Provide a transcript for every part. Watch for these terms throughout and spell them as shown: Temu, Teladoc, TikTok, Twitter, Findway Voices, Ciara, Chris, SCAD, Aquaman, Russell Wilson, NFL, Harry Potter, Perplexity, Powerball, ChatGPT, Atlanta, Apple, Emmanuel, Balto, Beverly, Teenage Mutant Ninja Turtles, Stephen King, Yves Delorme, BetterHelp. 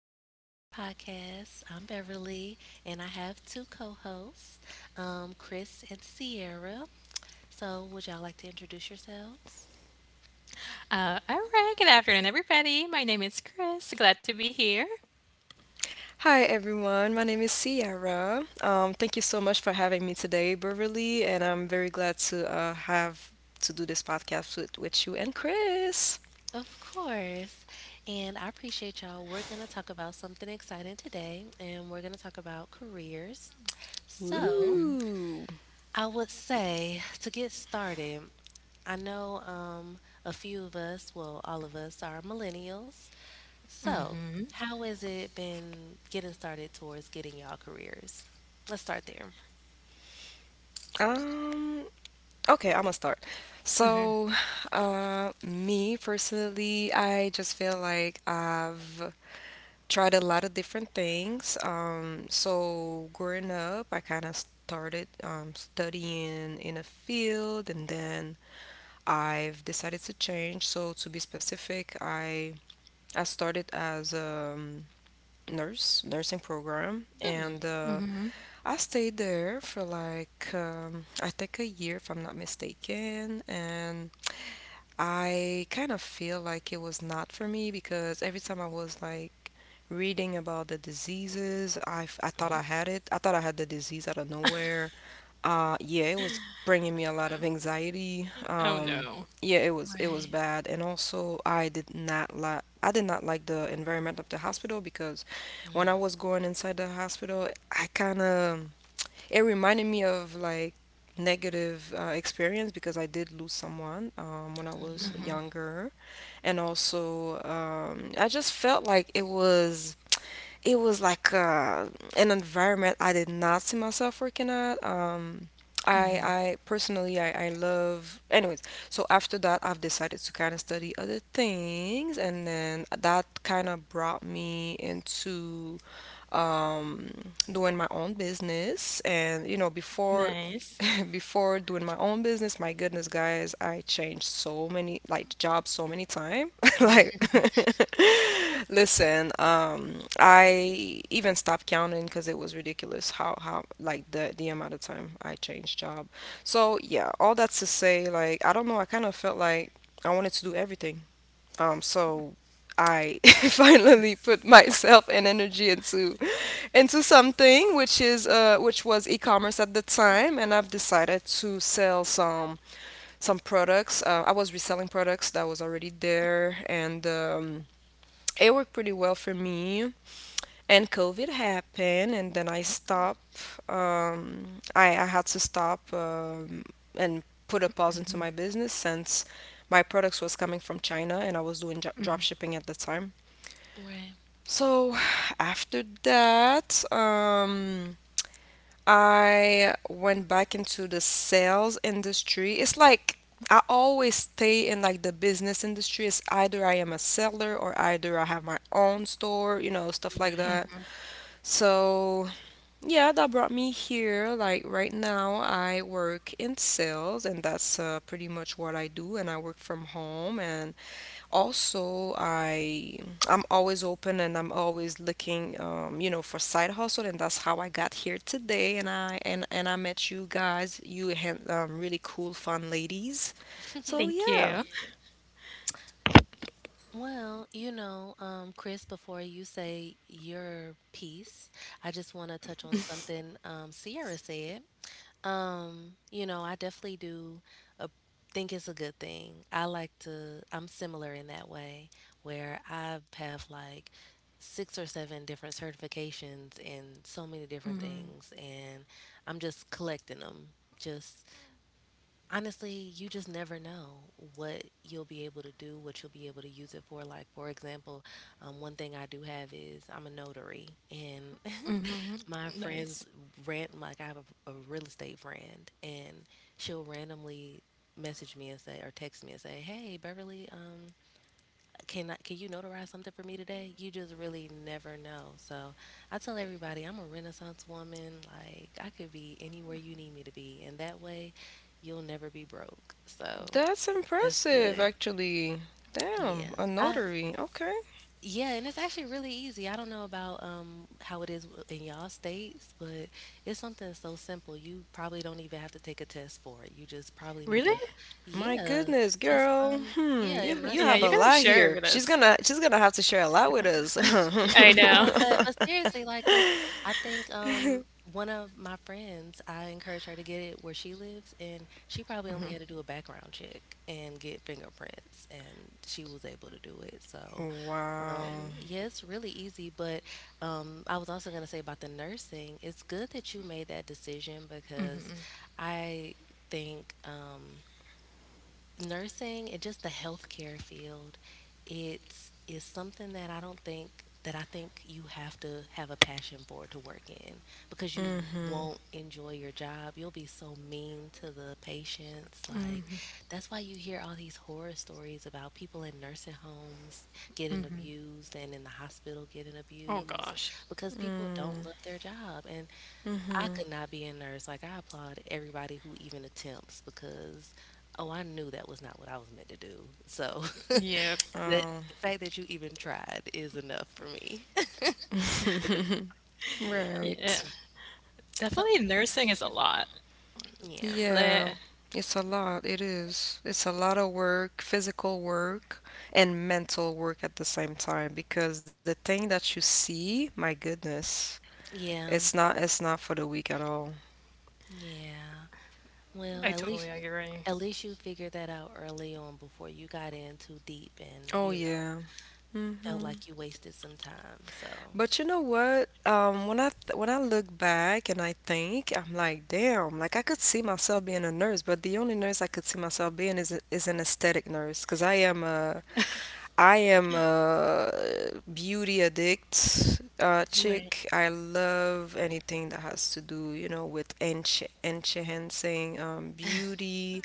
it with another podcast. I'm Beverly, and I have two co hosts, Chris and Sierra. So, would y'all like to introduce yourselves? All right. Good afternoon, everybody. My name is Chris. Glad to be here. Hi everyone, my name is Ciara. Thank you so much for having me today, Beverly, and I'm very glad to have to do this podcast with you and Chris. Of course. And I appreciate y'all. We're going to talk about something exciting today, and we're going to talk about careers. So, Woo! I would say to get started, I know a few of us, well, all of us are millennials. So, Mm-hmm. how has it been getting started towards getting y'all careers? Let's start there. Um, okay, I'm gonna start. So, Mm-hmm. Me personally, I just feel like I've tried a lot of different things. So growing up, I kind of started studying in a field and then I've decided to change. So to be specific, I started as a nurse nursing program, Hmm. and Mm-hmm. I stayed there for like I think a year, if I'm not mistaken, and I kind of feel like it was not for me because every time I was like reading about the diseases, I thought I had Mm. it. I thought I had the disease out of nowhere. Yeah, it was bringing me a lot of anxiety. Oh Um, no. yeah, it was Right. bad, and also I did not like the environment of the hospital because when I Mm. was going inside the hospital, I kind of it reminded me of like negative experience because I did lose someone when I Oh no. was Mm-hmm. younger, and also I just felt like it was like an environment I did not see myself working at. Um, I, Mm-hmm. I personally I, I love anyways, so after that I've decided to kind of study other things, and then that kind of brought me into um, doing my own business. and you know before Nice. before doing my own business, my goodness, guys, I changed so many like jobs so many times. Like listen, I even stopped counting because it was ridiculous how like the amount of time I changed job. So yeah, all that's to say, like, I don't know, I kind of felt like I wanted to do everything. So I finally put myself and energy into something which was e-commerce at the time, and I've decided to sell some products. I was reselling products that was already there, and it worked pretty well for me, and COVID happened, and then I stopped. I had to stop and put a pause into my business since my products was coming from China, and I was doing drop shipping at the time. Right. So after that, I went back into the sales industry. It's like I always stay in like the business industry. It's either I am a seller or either I have my own store, stuff like Right. that. So, yeah, that brought me here. Like right now, I work in sales, and that's pretty much what I do, and I work from home. And also, I'm always open, and I'm always looking, for side hustle, and that's how I got here today. And I met you guys. You had really cool, fun ladies. So Thank yeah, you. Well, you know, Chris, before you say your piece, I just want to touch on something Sierra said. You know, I definitely do uh, think it's a good thing. I'm similar in that way where I have like six or seven different certifications in so many different Mm-hmm. things, and I'm just collecting them. Just honestly, you just never know what you'll be able to do, what you'll be able to use it for. Like, for example, one thing I do have is I'm a notary, and Mm-hmm. my friends Nice. ran like I have a real estate friend, and she'll randomly message me and say or text me and say, "Hey, Beverly, can you notarize something for me today?" You just really never know. So I tell everybody I'm a Renaissance woman. Like I could be anywhere you need me to be, and that way, you'll never be broke. So that's that's impressive, good. actually. Damn, Yeah, a I. notary. Okay. Yeah, and it's actually really easy. I don't know about how it is in y'all states, but it's something so simple. You probably don't even have to take a test for it. You just probably need to, Really? My yeah, goodness, girl. Hmm, you in my you have Yeah, a you're state. lot gonna here. share it with She's us. gonna she's gonna have to share a lot with us. I know. No, but seriously, like, 'cause I think one of my friends, I encouraged her to get it where she lives, and she probably only had to do a background check and get fingerprints, and she was able to do it. So Wow. Yeah, it's really easy, but I was also going to say about the nursing. It's good that you made that decision because I think. Nursing and just the healthcare field, it's is something that I don't think that I think you have to have a passion for to work in because you Mm-hmm. won't enjoy your job. You'll be so mean to the patients. Like that's why you hear all these horror stories about people in nursing homes getting abused and in the hospital getting Oh abused gosh. because people Mm. don't love their job. And I Mm-hmm. could not be a nurse. Like I applaud everybody who even attempts because oh, I knew that was not what I was meant to do. So Yeah. that Oh. the fact that you even tried is enough for me. Yeah. Right. Yeah. So Definitely nursing is a lot. yeah. Yeah. Like, It's a lot. It is. It's a lot of work, physical work and mental work at the same time, because the thing that you see, my goodness, it's Yeah. not it's not for the weak at all. Yeah. Well, I totally agree. at least you figured that out early on before you got in too deep and, Oh you know, yeah. felt Mm-hmm. like you wasted some time. So But you know what? When I th when I look back and I think, I'm like, damn, like I could see myself being a nurse, but the only nurse I could see myself being is an aesthetic nurse, because I am a beauty addict right. chick. I love anything that has to do with enhancing beauty.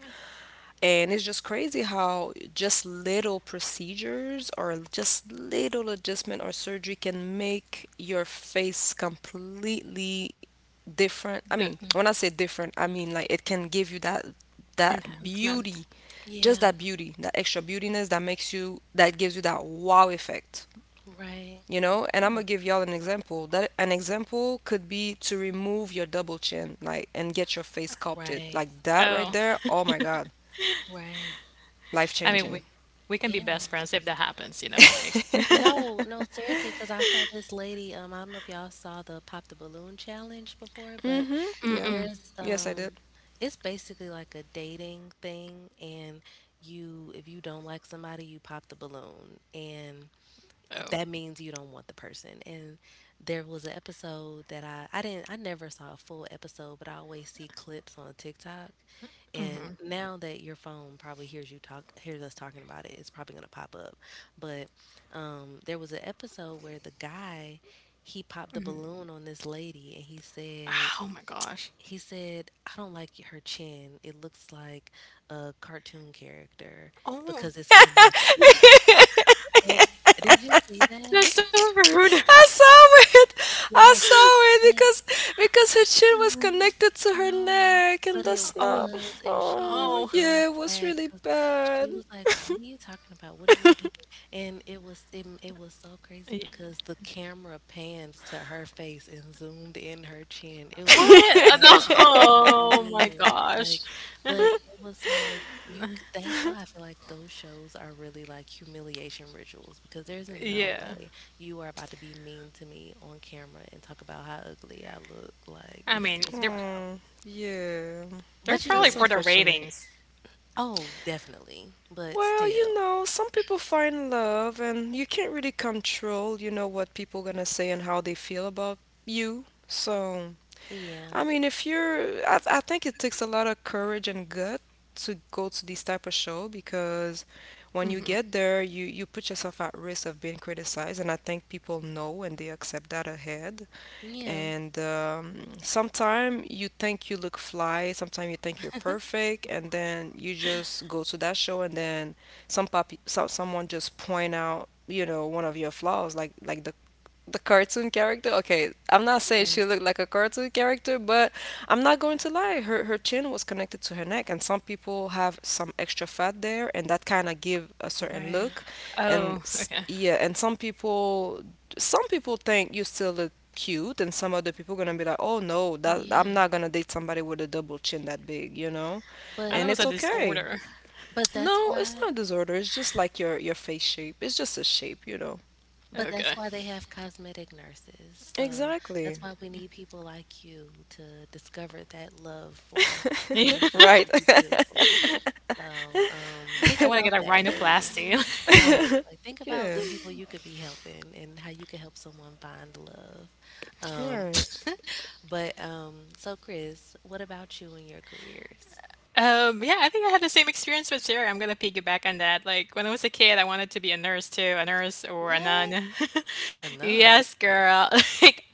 And it's just crazy how just little procedures or just little adjustment or surgery can make your face completely different. I mean, The when I say different, I mean like it can give you that that beauty enhancement. just Yeah. that beauty, that extra beautiness that makes you that gives you that wow effect, Right. you know? And I'm gonna Oh, give y'all an example. That an example could be to remove your double chin, like, and get your face sculpted. right. Like that right Oh, there, oh my god. Right. Life I mean, changing. we can be Yeah. best friends if that happens, you know, like, No, no, seriously, because I saw this lady. I don't know if y'all saw the Pop the Balloon challenge before, but Mm-hmm. Yeah. there's Yes, I did. It's basically like a dating thing and you if you don't like somebody, you pop the balloon. And that oh, means you don't want the person. And there was an episode that I didn't I never saw a full episode, but I always see clips on TikTok. And now that your phone probably hears you talk hears us talking about it, it's probably gonna pop up. But there was an episode where the guy he popped the balloon on this lady and he said oh my gosh. he said I don't like her chin. It looks like a cartoon character Oh, because it's connected. And did you see that? that's so rude. I saw it. I Yes, saw it but because her chin was connected to her no, neck, but and it that's not... Oh, was, and she was Oh oh. so yeah, it was sad really because she bad. was like, "What are you talking about? What do you mean?" And it was so crazy Y- because the camera panned to her face and zoomed in her chin. It was What? so. No. Oh my Man, like, gosh. but it was like you. C- That's why I feel like those shows are really like humiliation rituals because there's no Yeah. way you are about to be mean to me on camera and talk about how ugly I look. Like, I it's mean, it's they're wild. Oh, yeah. they're But you probably get That's what? for the unfortunate. ratings. Oh, definitely. But Well, you still, know, some people find love, and you can't really control what people gonna say and how they feel about you. So, I yeah, mean, if you're, I think it takes a lot of courage and gut to go to these type of show, because when you get there, you put yourself at risk of being criticized, and I think people know and they accept that ahead. yeah. And sometimes you think you look fly, sometimes you think you're perfect, and then you just go to that show, and then someone just point out one of your flaws, like the cartoon character. Okay, I'm not saying Right. she looked like a cartoon character, but I'm not going to lie. Her chin was connected to her neck, and some people have some extra fat there, and that kind of give a certain Right. look. And Oh, s- okay. yeah, and some people think you still look cute, and some other people gonna be like, oh no, that I'm Yeah. not gonna date somebody with a double chin that big, you know. I But thought it And was it's a okay. disorder. but that's No, it's why not a disorder. It's just like your face shape. It's just a shape, you know. But that's Okay. why they have cosmetic nurses, so Exactly. that's why we need people like you to discover that love for wanting I people to Right. be beautiful. So, think want to get about a that, lady. rhinoplasty. Right, like, think about the Yeah. people you could be helping and how you could help someone find love. All Um, right. but, so Chris, what about you and your careers? Yeah, I think I had the same experience with Sarah. I'm gonna piggyback on that. Like when I was a kid, I wanted to be a nurse too, a nurse or a What? nun. A nun? Yes, girl. Like,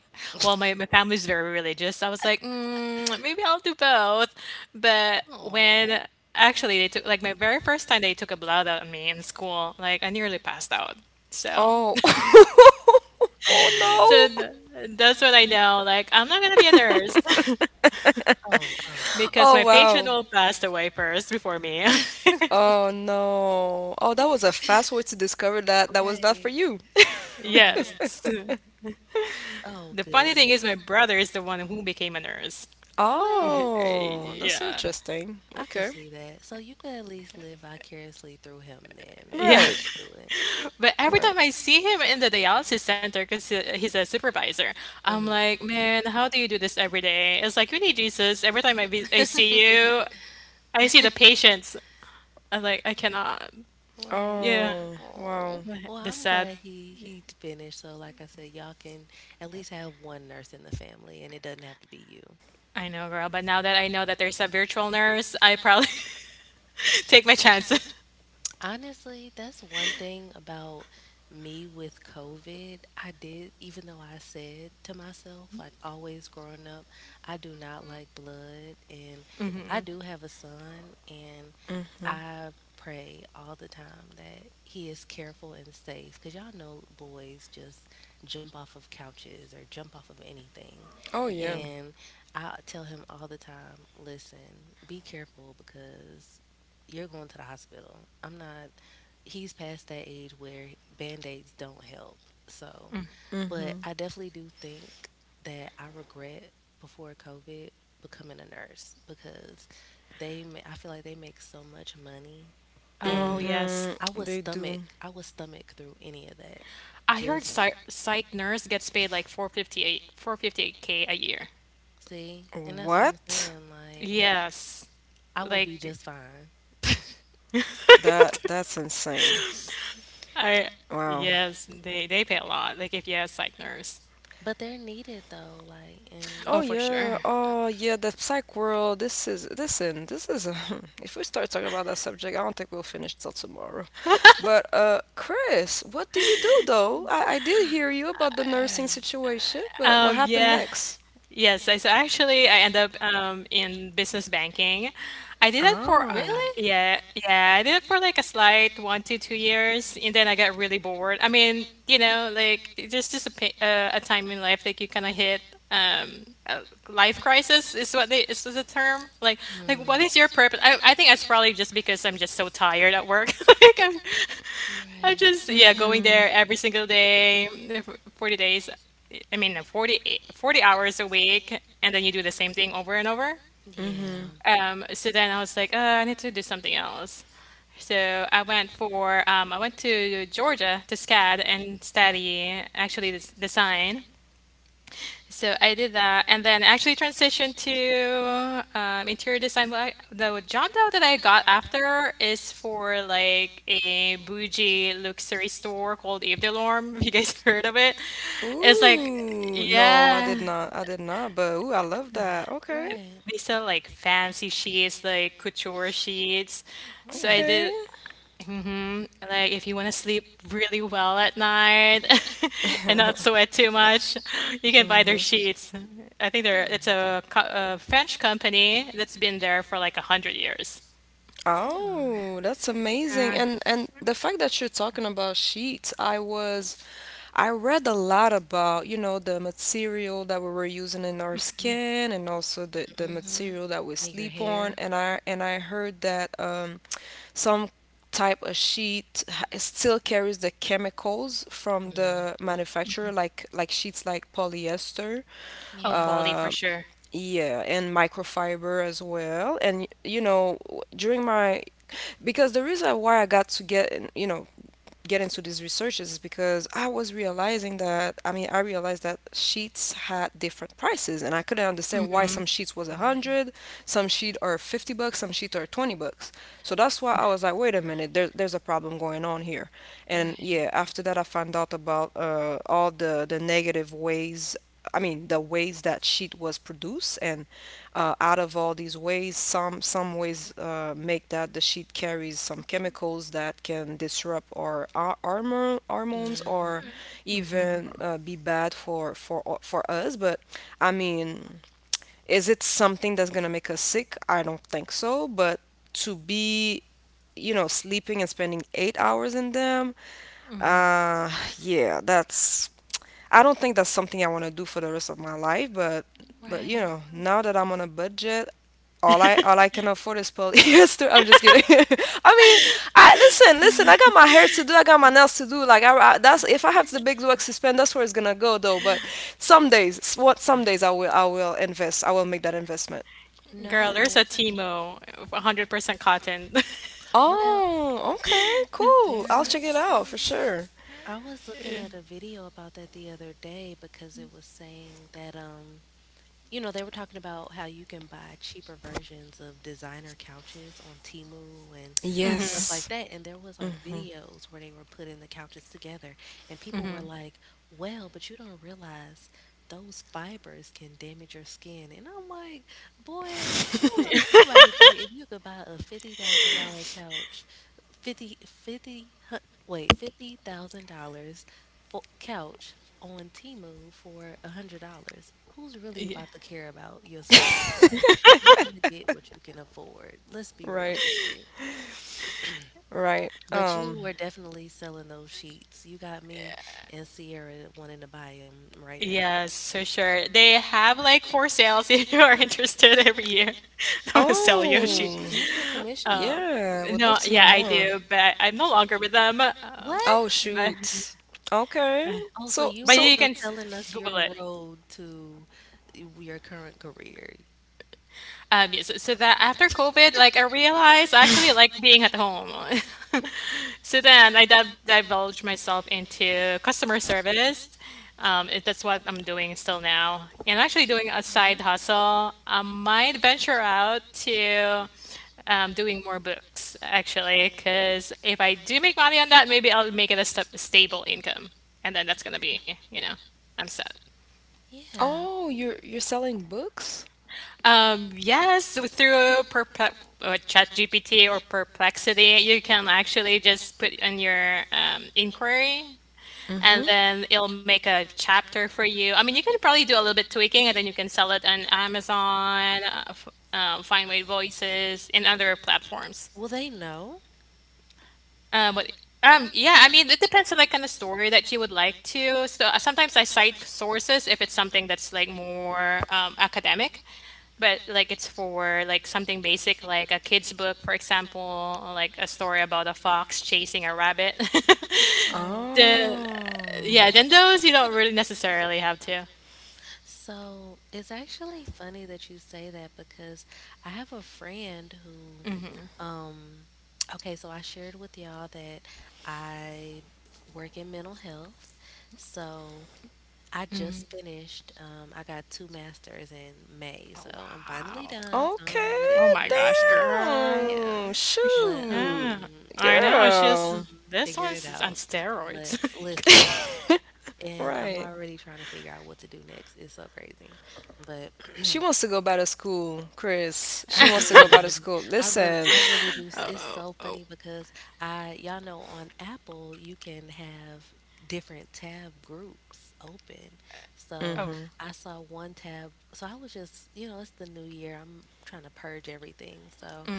well, my family's very religious. I was like, maybe I'll do both. But Oh. when actually they took like my very first time they took a blood out of me in school, like I nearly passed out. So, Oh. Oh, yeah. so Oh no. th- that's what I know. Like I'm not gonna be a nurse Oh, uh-uh. because Oh my patient wow. will pass away first before me. Oh no. Oh, that was a fast way to discover that that was not for Right, you. right. Yes. Oh, The funny thing goodness. is, my brother is the one who became a nurse. Yeah, What? Oh, that's yeah, interesting. I could Okay. see that. So you could at least live vicariously through him then. You yeah. don't have Right. to do it. But every Right. time I see him in the dialysis center, because he's a supervisor, I'm Hmm. like, man, how do you do this every day? It's like, you need Jesus. Every time I see you, I see the patients. I'm like, I cannot. Right. Yeah. Oh, wow. Oh. But Well, The I'm glad sad, he finished. So like I said, y'all can at least have one nurse in the family and it doesn't have to be you. I know, girl. But now that I know that there's a virtual nurse, I probably take my chances. Honestly, that's one thing about me with COVID. I did, even though I said to myself, like always growing up, I do not like blood. And I do have a son, and Mm-hmm. I pray all the time that he is careful and safe, because y'all know boys just jump off of couches or jump off of anything. Oh Yeah. yeah. And I tell him all the time, listen, be careful because you're going to the hospital. I'm not, he's past that age where band aids don't help. So, but Mm-hmm. I definitely do think that I regret before COVID becoming a nurse because I feel like they make so much money Oh, and yes. Mm-hmm. They do. I would stomach through any of that. I heard Just psych nurse gets paid like 458K a year. see, and that's what I'm What? saying. Like, Yes. I will be Like just fine. That's insane. I Wow. Yes, they pay a lot. Like if you have psych nurse. But they're needed though, like, and Oh Oh, that's for sure. yeah. Oh yeah. The psych world. This is, listen. This is. A, if we start talking about that subject, I don't think we'll finish till tomorrow. But Chris, what do you do though? I did hear you about the nursing right. situation, but what happened Yeah. next? Yes, I so actually I end up in business banking. I did that for Oh. Really? Yeah, yeah, I did it for like a slight 1 to 2 years and then I got really bored. I mean, like there's just a a time in life that you kind of hit a life crisis is what they is the term. Like Hmm. what is your purpose? I think that's probably just because I'm just so tired at work. Like I'm i Right. just, yeah, going Mhm. there every single day, 40 days, I mean, 40, 40 hours a week, and then you do the same thing over and over. Mhm. Yeah. So then I was like, I need to do something else. So I went to Georgia to SCAD and study actually this design. So I did that, and then actually transitioned to interior design. Well, the job though that I got after is for like a bougie luxury store called Yves Delorme. If you guys heard of it, it's like Ooh. No, I yeah, did not. I did not. But ooh, I love that. Okay. Right. they sell like fancy sheets, like couture sheets. So I Really? did. Okay. Like if you want to sleep really well at night and not sweat too much, you can buy their Mhm. sheets. I think they're it's Hmm. a, co- a French company that's been there for like 100 years. Huh. Oh, that's amazing. Uh, And the fact that you're talking about sheets, I read a lot about the material that we were using in our skin, and also the Mm-hmm. material that we Your sleep on. hair? And I heard that some type of sheet still carries the chemicals from the Mm-hmm. manufacturer, like sheets like polyester. oh, Yeah. Polly uh for sure. yeah, and microfiber as well. And you know, during my... Because the reason why I got to get in, get into these researches is because I was realizing that, I mean, I realized that sheets had different prices, and I couldn't understand why some sheets was a Right. hundred, some sheet are $50, some sheet are $20. So that's why I was like, wait a minute, there's a problem going on here. And Right. yeah, after that I found out about all the negative ways, I mean, the ways that sheet was produced. And out of all these ways, some ways make that the sheet carries some chemicals that can disrupt our hormones, or Mm-hmm. even be bad for us. But I mean, is it something that's gonna make us sick? I don't think so. But to be sleeping and spending 8 hours in them, uh, yeah, that's... I don't think that's something I want to do for the rest of my life, but Right. Now that I'm on a budget, all I can afford is polyester. I'm just kidding. I mean, I, listen, listen. I got my hair to do. I got my nails to do. Like, I that's, if I have the big bucks to spend, that's where it's gonna go though. But some days, s- what some days I will invest. I will make that investment. Girl, there's No. a Timo, 100% cotton. Well, Oh, okay, cool. I'll there check it out for sure. I was looking at a video about that the other day because it was saying that you know, they were talking about how you can buy cheaper versions of designer couches on Temu and stuff Yes. like that, and there was, like, videos where they were putting the couches together, and people were like, "Well, but you don't realize those fibers can damage your skin," and I'm like, "Boy, don't no ain't nobody think if you could buy a $50,000 couch. 50, 50, hu- $50,000 fo couch on Temu for $100. Who's really about to care about your skin? Like, you're gonna get what you can afford. Let's be Right. realistic. Right. But you were definitely selling those sheets. You got me and Sierra wanting to buy them right now. Yes, for sure. They have like four sales if you are interested every year. They will sell Do you Yoshi. Oh. do you get commission? Yeah, would love No, to know yeah, I more. do, but I'm no longer with them. Oh, yeah. What? But Shoot. Okay. Also, So, you But were so, you still can s- telling us Google your it. road to your current career. Yes, so that after COVID, like I realized I actually like being at home. So then I divulged myself into customer service. That's what I'm doing still now. And actually doing a Yeah. side hustle. I might venture out to doing more books actually, because if I do make money on that, maybe I'll make it a st stable income. And then that's gonna be. I'm set. Yeah. oh, you're selling books? Yes, through Perplex or ChatGPT or Perplexity, you can actually just put in your inquiry Mm-hmm. and then it'll make a chapter for you. I mean, you can probably do a little bit tweaking and then you can sell it on Amazon, Findway Voices, and other platforms. Well, they know. But yeah, I mean, it depends on like kind of story that you would like to. So sometimes I cite sources if it's something that's like more academic, but like it's uh, for like something basic, like a kid's book, for example, or like a story about a fox chasing a rabbit. Right. Then uh, Oh. yeah, then those you don't really necessarily have to. So it's actually funny that you say that because I have a friend who, um, okay, so I shared with y'all that I work in mental health. So I just finished, I got two masters in May. So Oh, I'm finally wow. done. So I'm really Oh Okay, my excited about gosh, that. girl. Yeah. damn. But Shoot. Yeah, I yeah, know. It's just Girl. I'm this figuring it one's on out. But steroids. listen, and I'm Right. already trying to figure out what to do next. It's so crazy. But She wants to go back to school, Chris. She I do wants to go back to love it. school. Listen. I really do. S- It's so funny because I, y'all know, on Apple you can have different tab groups open. So Oh, Hmm. I saw one tab. So I was just, you know, it's the new year. I'm trying to purge everything. So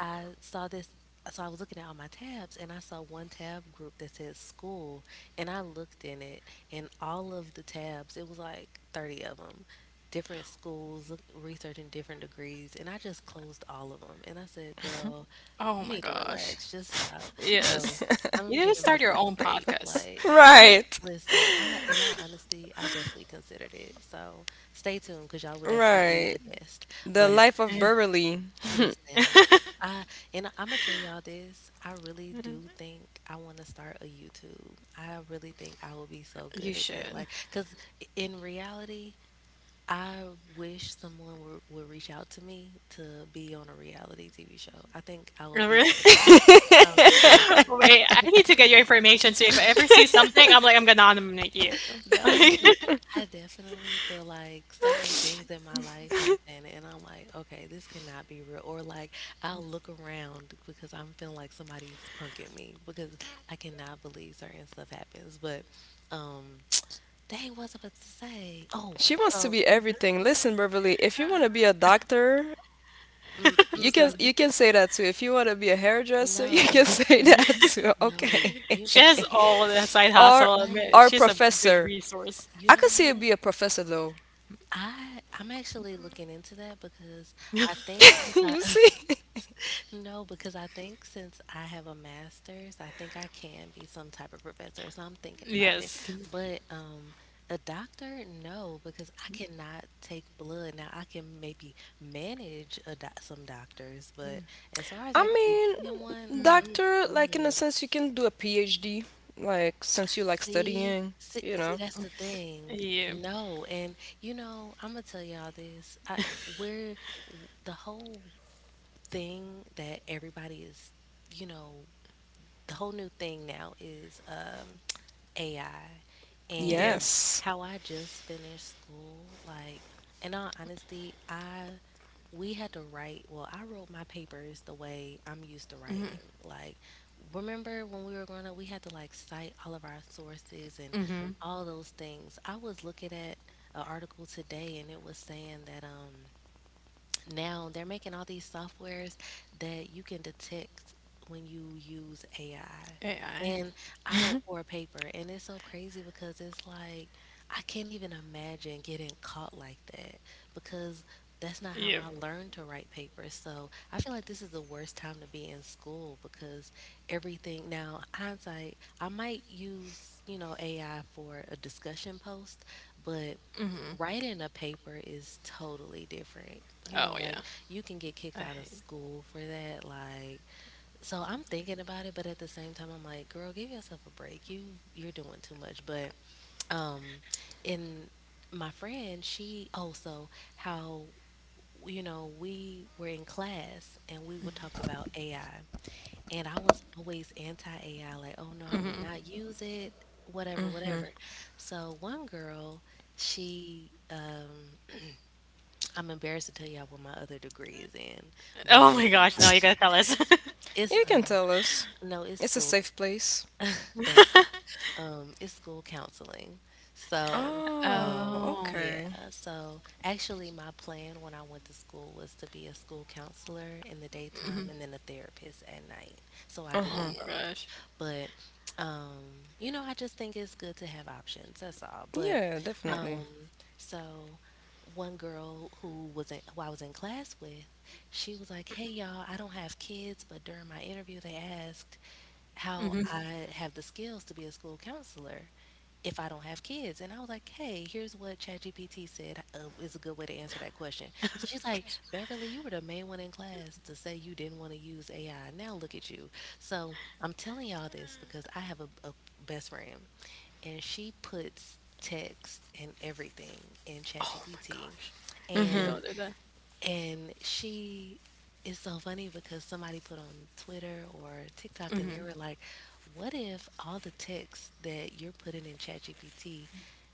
I saw this. So I was looking at all my tabs and I saw one tab group that said school and I looked in it and all of the tabs, it was like 30 of them different schools, researching different degrees, and I just closed all of them. And I said, "Girl, oh you my need to gosh. relax. Just stop." So Yes. I'm You need to giving start your myself a own break. podcast. Like, I Right. listen. I, in all honesty, I definitely considered it. So stay tuned because y'all will definitely be Right. a guest. The But life of Beverly. listen. I I'm gonna tell y'all this. I really do think I want to start a YouTube. I really think I will be so You good at that. should. Like, cause in reality, I wish someone would reach out to me to be on a reality TV show. I think I will be Really? great on it. No, seriously. Wait, I need to get your information. So if I ever see something, I'm like, I'm gonna nominate you. No, Like, because I definitely feel like certain things in my life happen, and I'm like, okay, this cannot be real. Or like, I'll look around because I'm feeling like somebody's punking me because I cannot believe certain stuff happens. Um, dang, what was I about to say? Oh, She wants to so, be everything. Listen, Beverly, if you want to be a doctor, mm, mm, You it's can mm, like- you can say that too. If you want to be a hairdresser, you can no, say that you, too. Okay. no, you. she has all the side or hustle. I But mean, or she's a good professor. resource. you I know could see it be what? a professor though. I'm actually looking into that because I think since I You see? no, because I think since I have a master's, I think I can be some type of professor. So I'm thinking about it. Yes. But a doctor, no, because I cannot take blood. Now I can maybe manage a doc some doctors, but as far as I actually being one, mean, doctor, like in a mm-mm. sense, you can do a PhD, like since you like See, studying, see, you see, know. that's the thing. Yeah. No, and you know, I'm gonna tell y'all this. We're the whole thing that everybody is, you know, the whole new thing now is AI. Yep. And Yes. how I just finished school, like, in all honesty, I we had to write, well, I wrote my papers the way I'm used to writing, like, remember when we were growing up, we had to like cite all of our sources and Mm-hmm. all those things. I was looking at an article today, and it was saying that now they're making all these softwares that you can detect when you use AI. AI. And I don't for paper. And it's so crazy because it's like I can't even imagine getting caught like that because that's not how I Yep. learned to write papers. So I feel like this is the worst time to be in school because everything now, hindsight, I might use, you know, AI for a discussion post, but writing a paper is totally different. You know, Oh like yeah. you can get kicked I out of hate. school for that. Like, so I'm thinking about it, but at the same time, I'm like, girl, give yourself a break. You're doing too much. But um, in My friend, she also, how we were in class and we would talk about AI, and I was always anti AI. Like, oh no, I would not use it. Whatever, Mm-hmm. whatever. So one girl, she I'm embarrassed to tell y'all what my other degree is in, Oh but my gosh. No, you gotta tell us. it's You can tell us. no, it's It's a school. safe place. Thank you. It's school counseling. So, Oh, Oh. okay. yeah. So actually, my plan when I went to school was to be a school counselor in the daytime and then a therapist at night, so I Uh could Oh do huh. my both. gosh. But, you know, I just think it's good to have options, that's all. But, Yeah, definitely. um, so one girl who I was in class with, she was like, "Hey, y'all, I don't have kids, but during my interview, they asked how I have the skills to be a school counselor if I don't have kids." And I was like, hey, here's what ChatGPT said is a good way to answer that question. So she's like, Beverly, you were the main one in class to say you didn't want to use AI. Now look at you. So I'm telling y'all this because I have a best friend, and she puts text and everything in Oh my ChatGPT. gosh. Mm You hmm. And don't do that. and she is so funny because somebody put on Twitter or TikTok, and they were like, what if all the texts that you're putting in ChatGPT,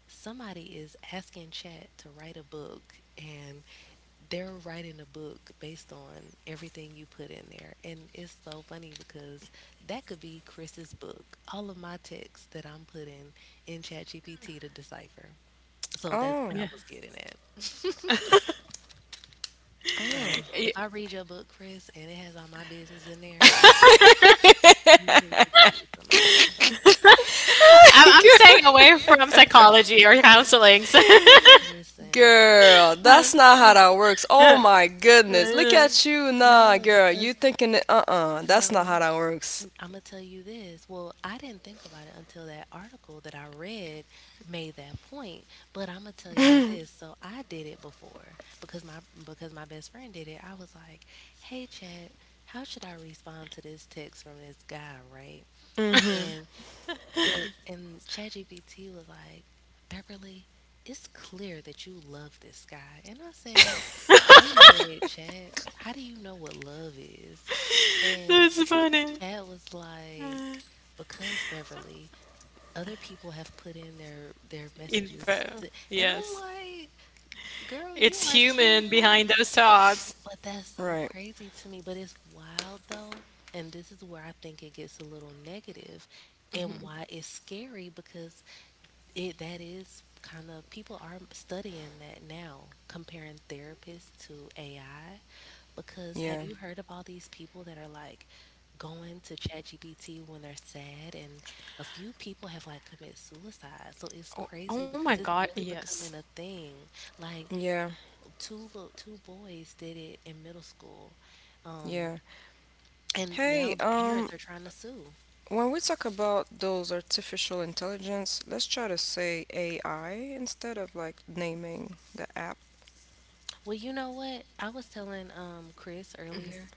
somebody is asking Chat to write a book, and they're writing a book based on everything you put in there. And it's so funny because that could be Chris's book, all of my texts that I'm putting in ChatGPT to decipher. So that's what Oh, I Yeah. was getting at. oh. So if I read your book, Chris, and it has all my business in there, you need to give me some money. I'm staying away from psychology or counseling. Listen, Girl, that's not how that works. Oh That's my goodness. Look at you. Nah, no, girl. You because thinking that, uh-uh. That's not no, how that works. I'm gonna tell you this. Well, I didn't think about it until that article that I read made that point. But I'm gonna tell y'all this. So I did it before because my best friend did it. I was like, hey, Chad, how should I respond to this text from this guy, right? Mm-hmm. And and ChatGPT was like, "Beverly, it's clear that you love this guy." And I said, "Wait a minute, Chad. How do you know what love is?" And funny. Chad was like, "Because Beverly, other people have put in their messages." Info. To, and I'm Yes. like, "Girl, you It's are too human no." behind those thoughts. But that's so Right. crazy to me. But it's wild though, and this is where I think it gets a little negative, and why it's scary because it that is kind of, people are studying that now, comparing therapists to AI. Because have Yeah. you heard of all these people that are like going to ChatGPT when they're sad? And a few people have like committed suicide. So it's Oh, crazy oh because my it's God. really Yes. becoming a thing. Like Yeah. two boys did it in middle school, um, Yeah. and now Hey, the parents are trying to sue. when we talk about those artificial intelligence, let's try to say AI instead of like naming the app. Well, you know what? I was telling Chris earlier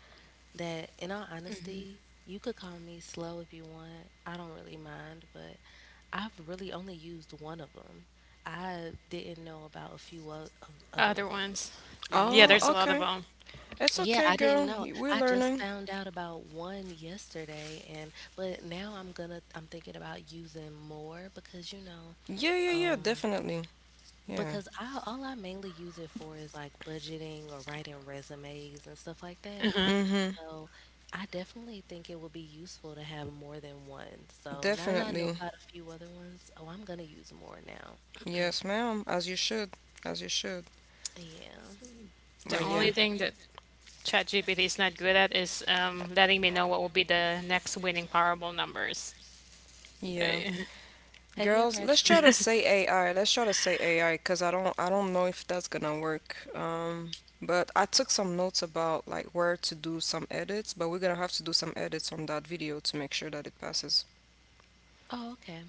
that in all honesty, you could call me slow if you want. I don't really mind, but I've really only used one of them. I didn't know about a few of other Other ones. ones. Yeah, Oh, Yeah. there's a lot of okay. them. It's Yeah, okay, I didn't girl. know. We're I just learning. found out about one yesterday, and but now I'm thinking about using more because you know, Yeah, yeah, yeah, um definitely. Yeah. because I all I mainly use it for is like budgeting or writing resumes and stuff like that. Mm-hmm. So I definitely think it would be useful to have more than one. So now that I know Definitely. about a few other ones, oh, I'm gonna use more now. Yes, ma'am. As you should. As you should. Yeah. The But But yeah, only it thing that ChatGPT is not good at is letting me know what will be the next winning Powerball numbers. yeah. Have you Girls, ever let's try to actually say AI. Let's try to say AI, cause I don't know if that's gonna work. But I took some notes about like where to do some edits, but we're gonna have to do some edits on that video to make sure that it passes. Oh, okay.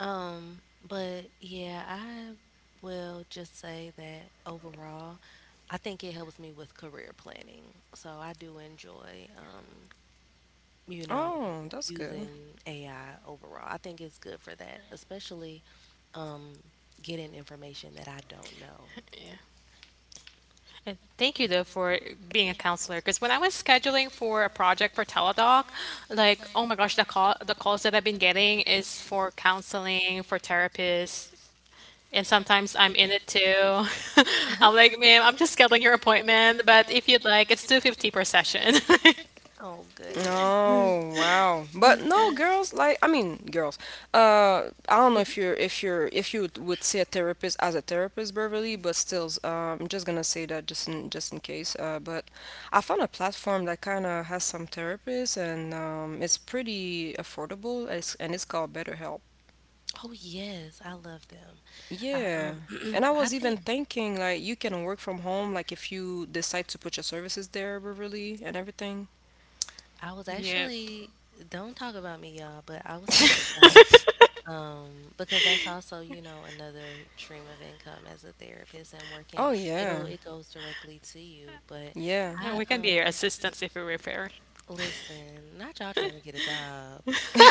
But yeah, I will just say that overall, I think it helps me with career planning. So I do enjoy you know, Oh, that's good. using AI overall. I think it's good for that, especially um, getting information that I don't know. And thank you though for being a counselor. Because when I was scheduling for a project for Teladoc, like oh my gosh, the calls that I've been getting is for counseling, for therapists, and sometimes I'm in it too. I'm like, ma'am, I'm just scheduling your appointment, but if you'd like, it's 250 per session. Oh goodness, see. Oh wow. But no But girls, like I mean girls. I don't know if you're if you're if you would see a therapist as a therapist, Beverly, but still I'm just gonna say that just in case. But I found a platform that kinda has some therapists, and it's pretty affordable, and it's called BetterHelp. oh yes, I love them. I Yeah. And I I was even think thinking like you can work from home, like if you decide to put your services there, Beverly, and everything. I was Yeah, actually, don't talk about me y'all, but I was thinking about it. Um, because that's also, you know, another stream of income as a therapist and working. Oh yeah. It goes directly to you, but Yeah. and I we can be your assistants if you refer. Listen, not y'all trying to get a job,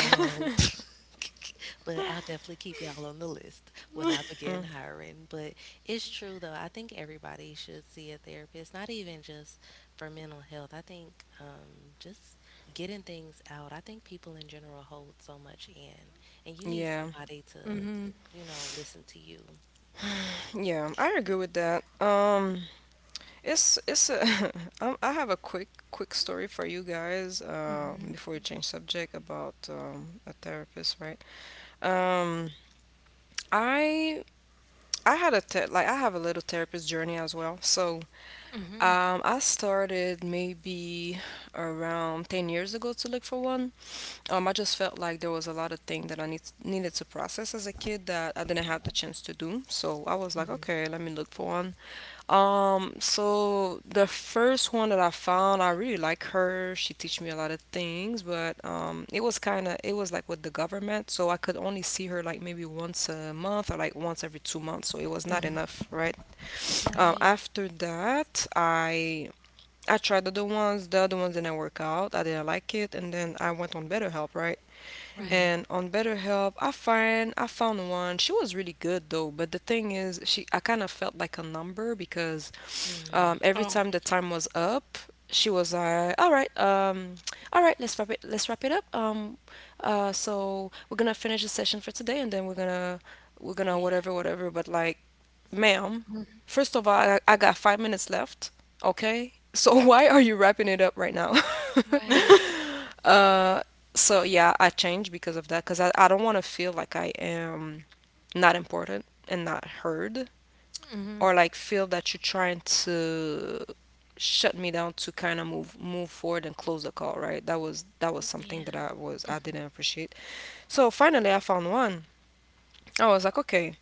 um, but I'll definitely keep y'all on the list when I begin Mm, hiring. But it's true though. I think everybody should see a therapist, not even just for mental health. I think just getting things out. I think people in general hold so much in, and you need yeah, somebody to, you know, listen to you. yeah, I agree with that. It's it's a, I have a quick story for you guys. Before we change subject about a therapist, right? Um, I I had a te- like I have a little therapist journey as well. So I started maybe around 10 years ago to look for one. I just felt like there was a lot of things that I needed to process as a kid that I didn't have the chance to do. So I was like, okay, let me look for one. So the first one that I found, I really like her. She teach me a lot of things, but it was like with the government, so I could only see her like maybe once a month or like once every 2 months. So it was not enough, right? Right, After that, I tried other ones. The other ones didn't work out. I didn't like it, and then I went on BetterHelp, right? right. And on BetterHelp, I found one. She was really good though, but the thing is, she I kind of felt like a number because Mm, every Oh, time the time was up, she was like, "All right, Let's wrap it up. So we're gonna finish the session for today, and then we're gonna yeah, whatever, whatever." But like ma'am, first of all, I got 5 minutes left, okay? So why are you wrapping it up right now? right. uh, so yeah, I changed because of that, because I don't want to feel like I am not important and not heard, or like feel that you're trying to shut me down to kind of move forward and close the call, right? That was something that Yeah, I didn't appreciate. So finally, I found one. I was like, okay,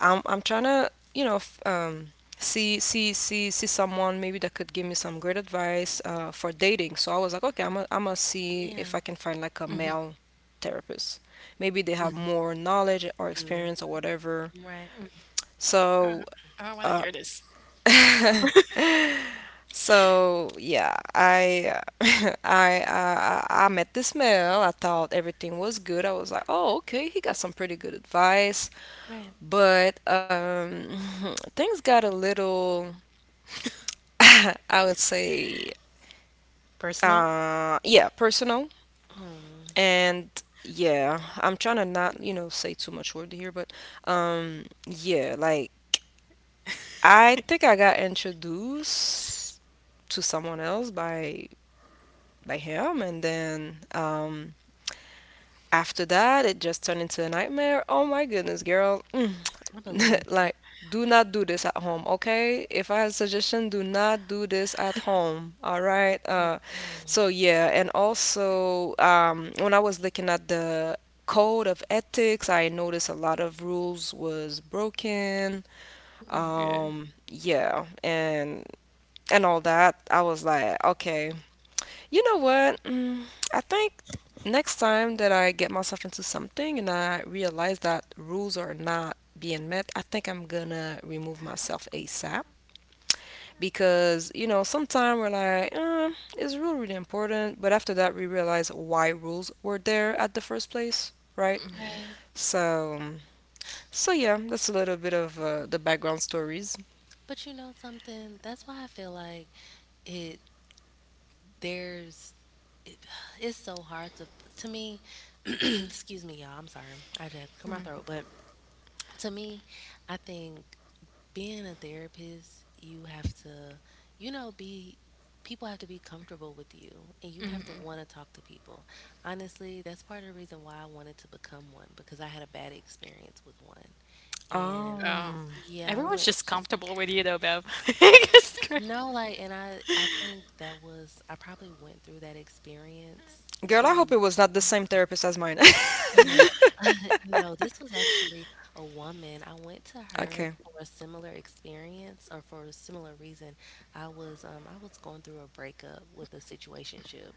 I'm trying to see someone maybe that could give me some great advice for dating. So I was like, okay, I'm gonna see if yeah. I can find like a male therapist. Maybe they have more knowledge or Mm, experience or whatever. right, So I don't want to uh, hear this. so yeah, I I met this male. I thought everything was good. I was like, oh okay, he got some pretty good advice. right. But things got a little I would say, Personal? Yeah, personal Oh. and yeah, I'm trying to not, say too much word here, but yeah, like I think I got introduced to someone else by him, and then after that, it just turned into a nightmare. Oh my goodness, girl. Mm. I believe it. Like, do not do this at home, okay? If I had a suggestion, do not do this at home, all right? uh Mm-mm. so yeah, and also when I was looking at the code of ethics, I noticed a lot of rules was broken. Yeah. Yeah, and all that, I was like, okay, you know what? Mm, I think next time that I get myself into something and I realize that rules are not being met, I think I'm gonna remove myself ASAP because, sometimes we're like, is rule really important? But after that, we realize why rules were there at the first place, right? Right. So, so yeah, that's a little bit of the background stories. But you know something? That's why I feel like it there's it, it's so hard to me. Excuse me y'all, I'm sorry, I just had to clear my throat. But to me, I think being a therapist, you have to, you know, be, people have to be comfortable with you, and you have to want to talk to people. Honestly, that's part of the reason why I wanted to become one, because I had a bad experience with one. And Oh, Um, yeah, I everyone's went just comfortable with you though, Bev. It's great. No, like, and I think that was, I probably went through that experience Girl, I hope too. it was not the same Oh, therapist as mine. no, no, this was actually a woman. I went to her Okay. for a similar experience or for a similar reason. I was going through a breakup with a situationship,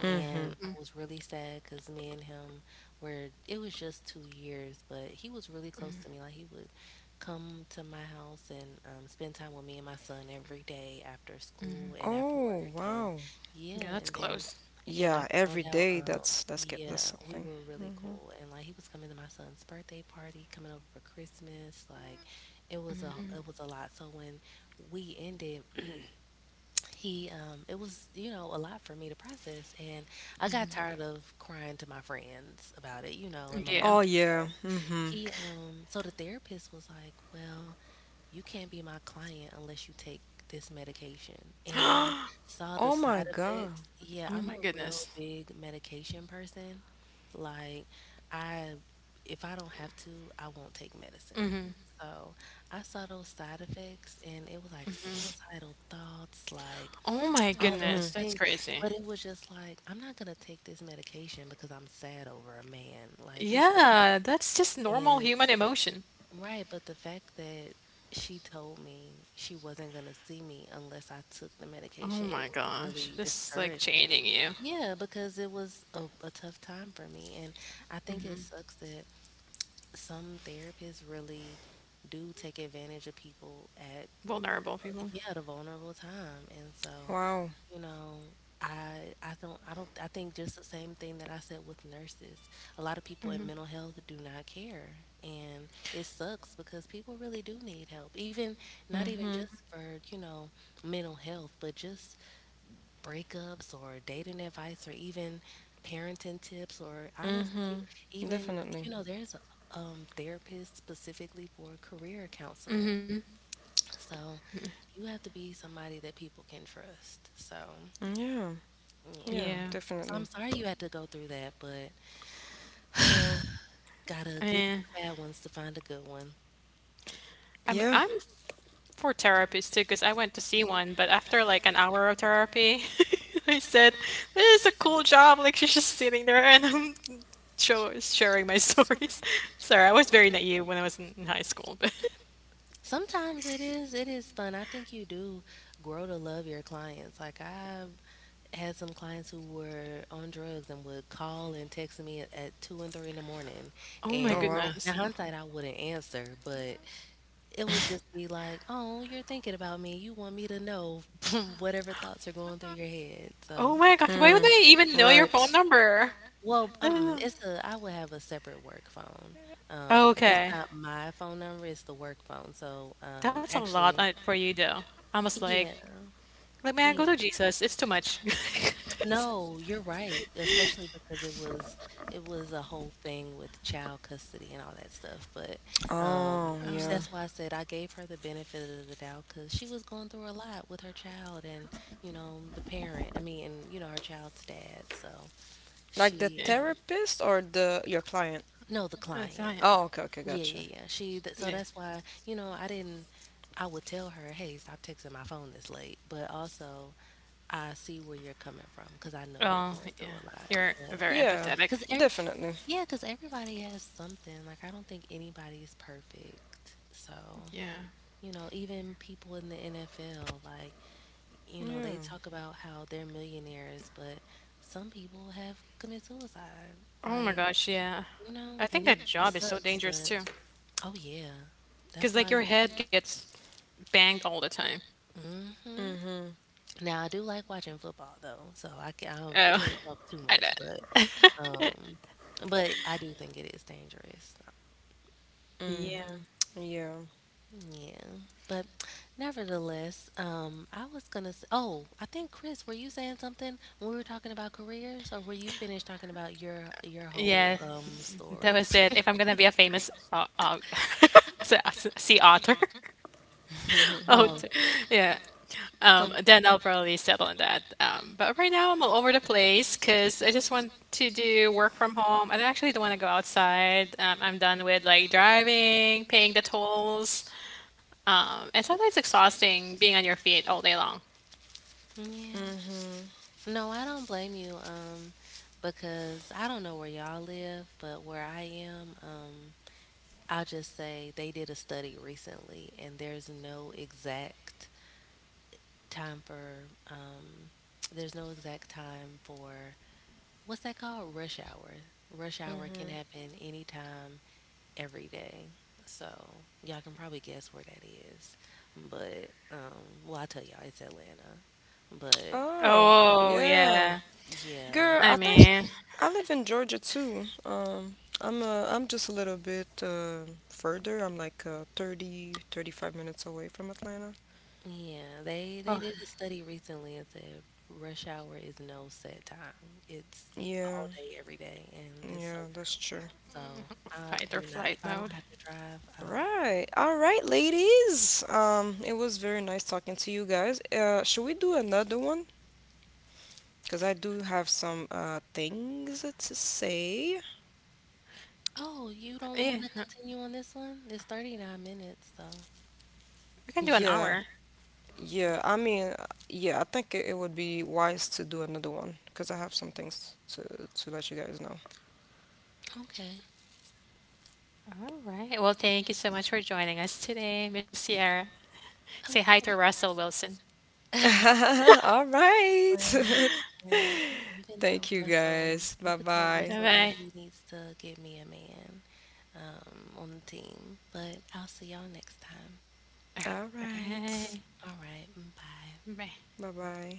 Hmm. and I was really sad because me and him were it was just 2 years, but he was really close to me. Like he would come to my house and spend time with me and my son every day after school and after Oh, work, and wow. yeah, Yeah, that's and then close. yeah, and I Yeah, every found out day, that's that's get yeah, that's we something. were really Hmm. cool, and like he was coming to my son's birthday party, coming over for Christmas, like it was a lot. So when we ended. He, it was, you know, a lot for me to process, and I got tired of crying to my friends about it, you know, and my Yeah. Oh mom. yeah. So Mhm. So the therapist was like, "Well, you can't be my client unless you take this medication." And I saw the Oh my side God. effects. Yeah, Oh I'm a my real goodness. big medication person. Like, I, if I don't have to, I won't take medicine. So I saw those side effects, and it was like suicidal thoughts, like Oh my all those Mhm. goodness, that's things. crazy. But it was just like, I'm not gonna take this medication because I'm sad over a man. Like, let's get Yeah, that's just rid- normal and human emotion. right, but the fact that she told me she wasn't gonna see me unless I took the Oh medication, it my was gosh, really this is like discouraging. chaining you. Yeah, because it was a tough time for me. And I think it sucks that some therapists really do take advantage of people at, Vulnerable people. yeah, the vulnerable time. And so Wow. You know, I don't I think just the same thing that I said with nurses. A lot of people in mental health do not care, and it sucks because people really do need help. Even not even Mhm. just for, mental health, but just breakups or dating advice or even parenting tips or honestly, Mhm. even Definitely. There's therapists specifically for career counseling. So, you have to be somebody that people can trust. So, Yeah. Yeah, yeah. Yeah. So definitely. I'm sorry you had to go through that, but Yeah. gotta get through Eh. the bad ones to find a good one. I'm Yeah. I'm for therapists too, because I went to see one, but after like an hour of therapy, I said, "This is a cool job." Like she's just sitting there, and I'm sharing my stories. Sorry, I was very naive when I was in high school, but Sometimes it is fun. I think you do grow to love your clients. Like I've had some clients who were on drugs and would call and text me at two and three in the morning. oh my Oh And wow. now goodness, hindsight I wouldn't answer, but it would just be like, oh, you're thinking about me. You want me to know whatever thoughts are going through your head. oh So my gosh, why would Mm. they even know your phone Right. number? well, Uh, it's a I would have a separate work phone. It's Okay. not my phone number, it's the work phone. So, That's a lot on it actually, for you though. I was like, yeah, like man, go yeah. to Jesus. It's too much. No, you're right, especially because it was a whole thing with child custody and all that stuff. But Oh, yeah. that's why I said I gave her the benefit of the doubt because she was going through a lot with her child and, the parent, I mean, and, her child's dad. So Like the she, Yeah. Therapist or the your client? no, the client. Yeah. Oh, okay, okay, Yeah, gotcha. yeah, yeah. So Yeah. that's why, I didn't. I would tell her, "Hey, stop texting my phone this late." But also, I see where you're coming from cuz I know you're Oh, going yeah. through a lot. You're But very Yeah. empathetic. cuz every Definitely. yeah, cuz everybody has something. Like I don't think anybody's perfect. So, Yeah. Even people in the NFL, like, Yeah. they talk about how they're millionaires, but some people have committed suicide. Oh my Like, gosh, yeah. I think and that it job is so sucks, dangerous but too. oh yeah. That's Because like why your you. head gets banged all the time. Mhm. Mhm. Now I do like watching football though, so I Oh, can't talk too I much, know. um, but I do think it is dangerous. Yeah. Mhm. Yeah. Yeah, but nevertheless, I was gonna. S- Oh, I think Chris, were you saying something when we were talking about careers, or were you finished talking about your Yeah, whole that story? was it. If I'm gonna be a famous sea author. Oh, Oh, t- yeah. So Then I'll probably settle on that. But right now I'm all over the place because I just want to do work from home. I do actually don't want to go outside. I'm done with like driving, paying the tolls. And sometimes exhausting being on your feet all day long. yeah. Mhm. No, I don't blame you. Because I don't know where y'all live, but where I am, I'll just say they did a study recently, and there's no exact time for, there's no exact time for, what's that called? Rush hour. Rush hour can Mhm. happen anytime, every day. So y'all can probably guess where that is. But, well, I'll tell y'all, it's Atlanta. But Oh, Oh, yeah. yeah. Girl, yeah, I I think mean, I live in Georgia too. I'm just a little bit further. I'm like 30, 35 minutes away from Atlanta. yeah, they well, they did a study recently and said rush hour is no set time. It's Yeah, all day, every day, and it's yeah, so. that's true. So I fight do or not, if flight I don't mode. have to drive, I don't want. Right. All right, ladies. It was very nice talking to you guys. Should we do another one? Because I do have some things to say. Oh, you don't want to Yeah, continue on this one? It's 39 minutes, so. we can do an Yeah. hour. Yeah. Yeah, I mean, yeah, I think it would be wise to do another one because I have some things to let you guys know. Okay. All right. Well, thank you so much for joining us today, Miss Sierra. Say Of hi course. to Russell Wilson. All right. Well, and you can Thank tell you Russell, guys. Bye you could tell bye. Bye Russell that bye. he needs to get me a man on the team. But I'll see y'all next time. All right. All right. Bye. All right. Bye. Bye. Bye bye.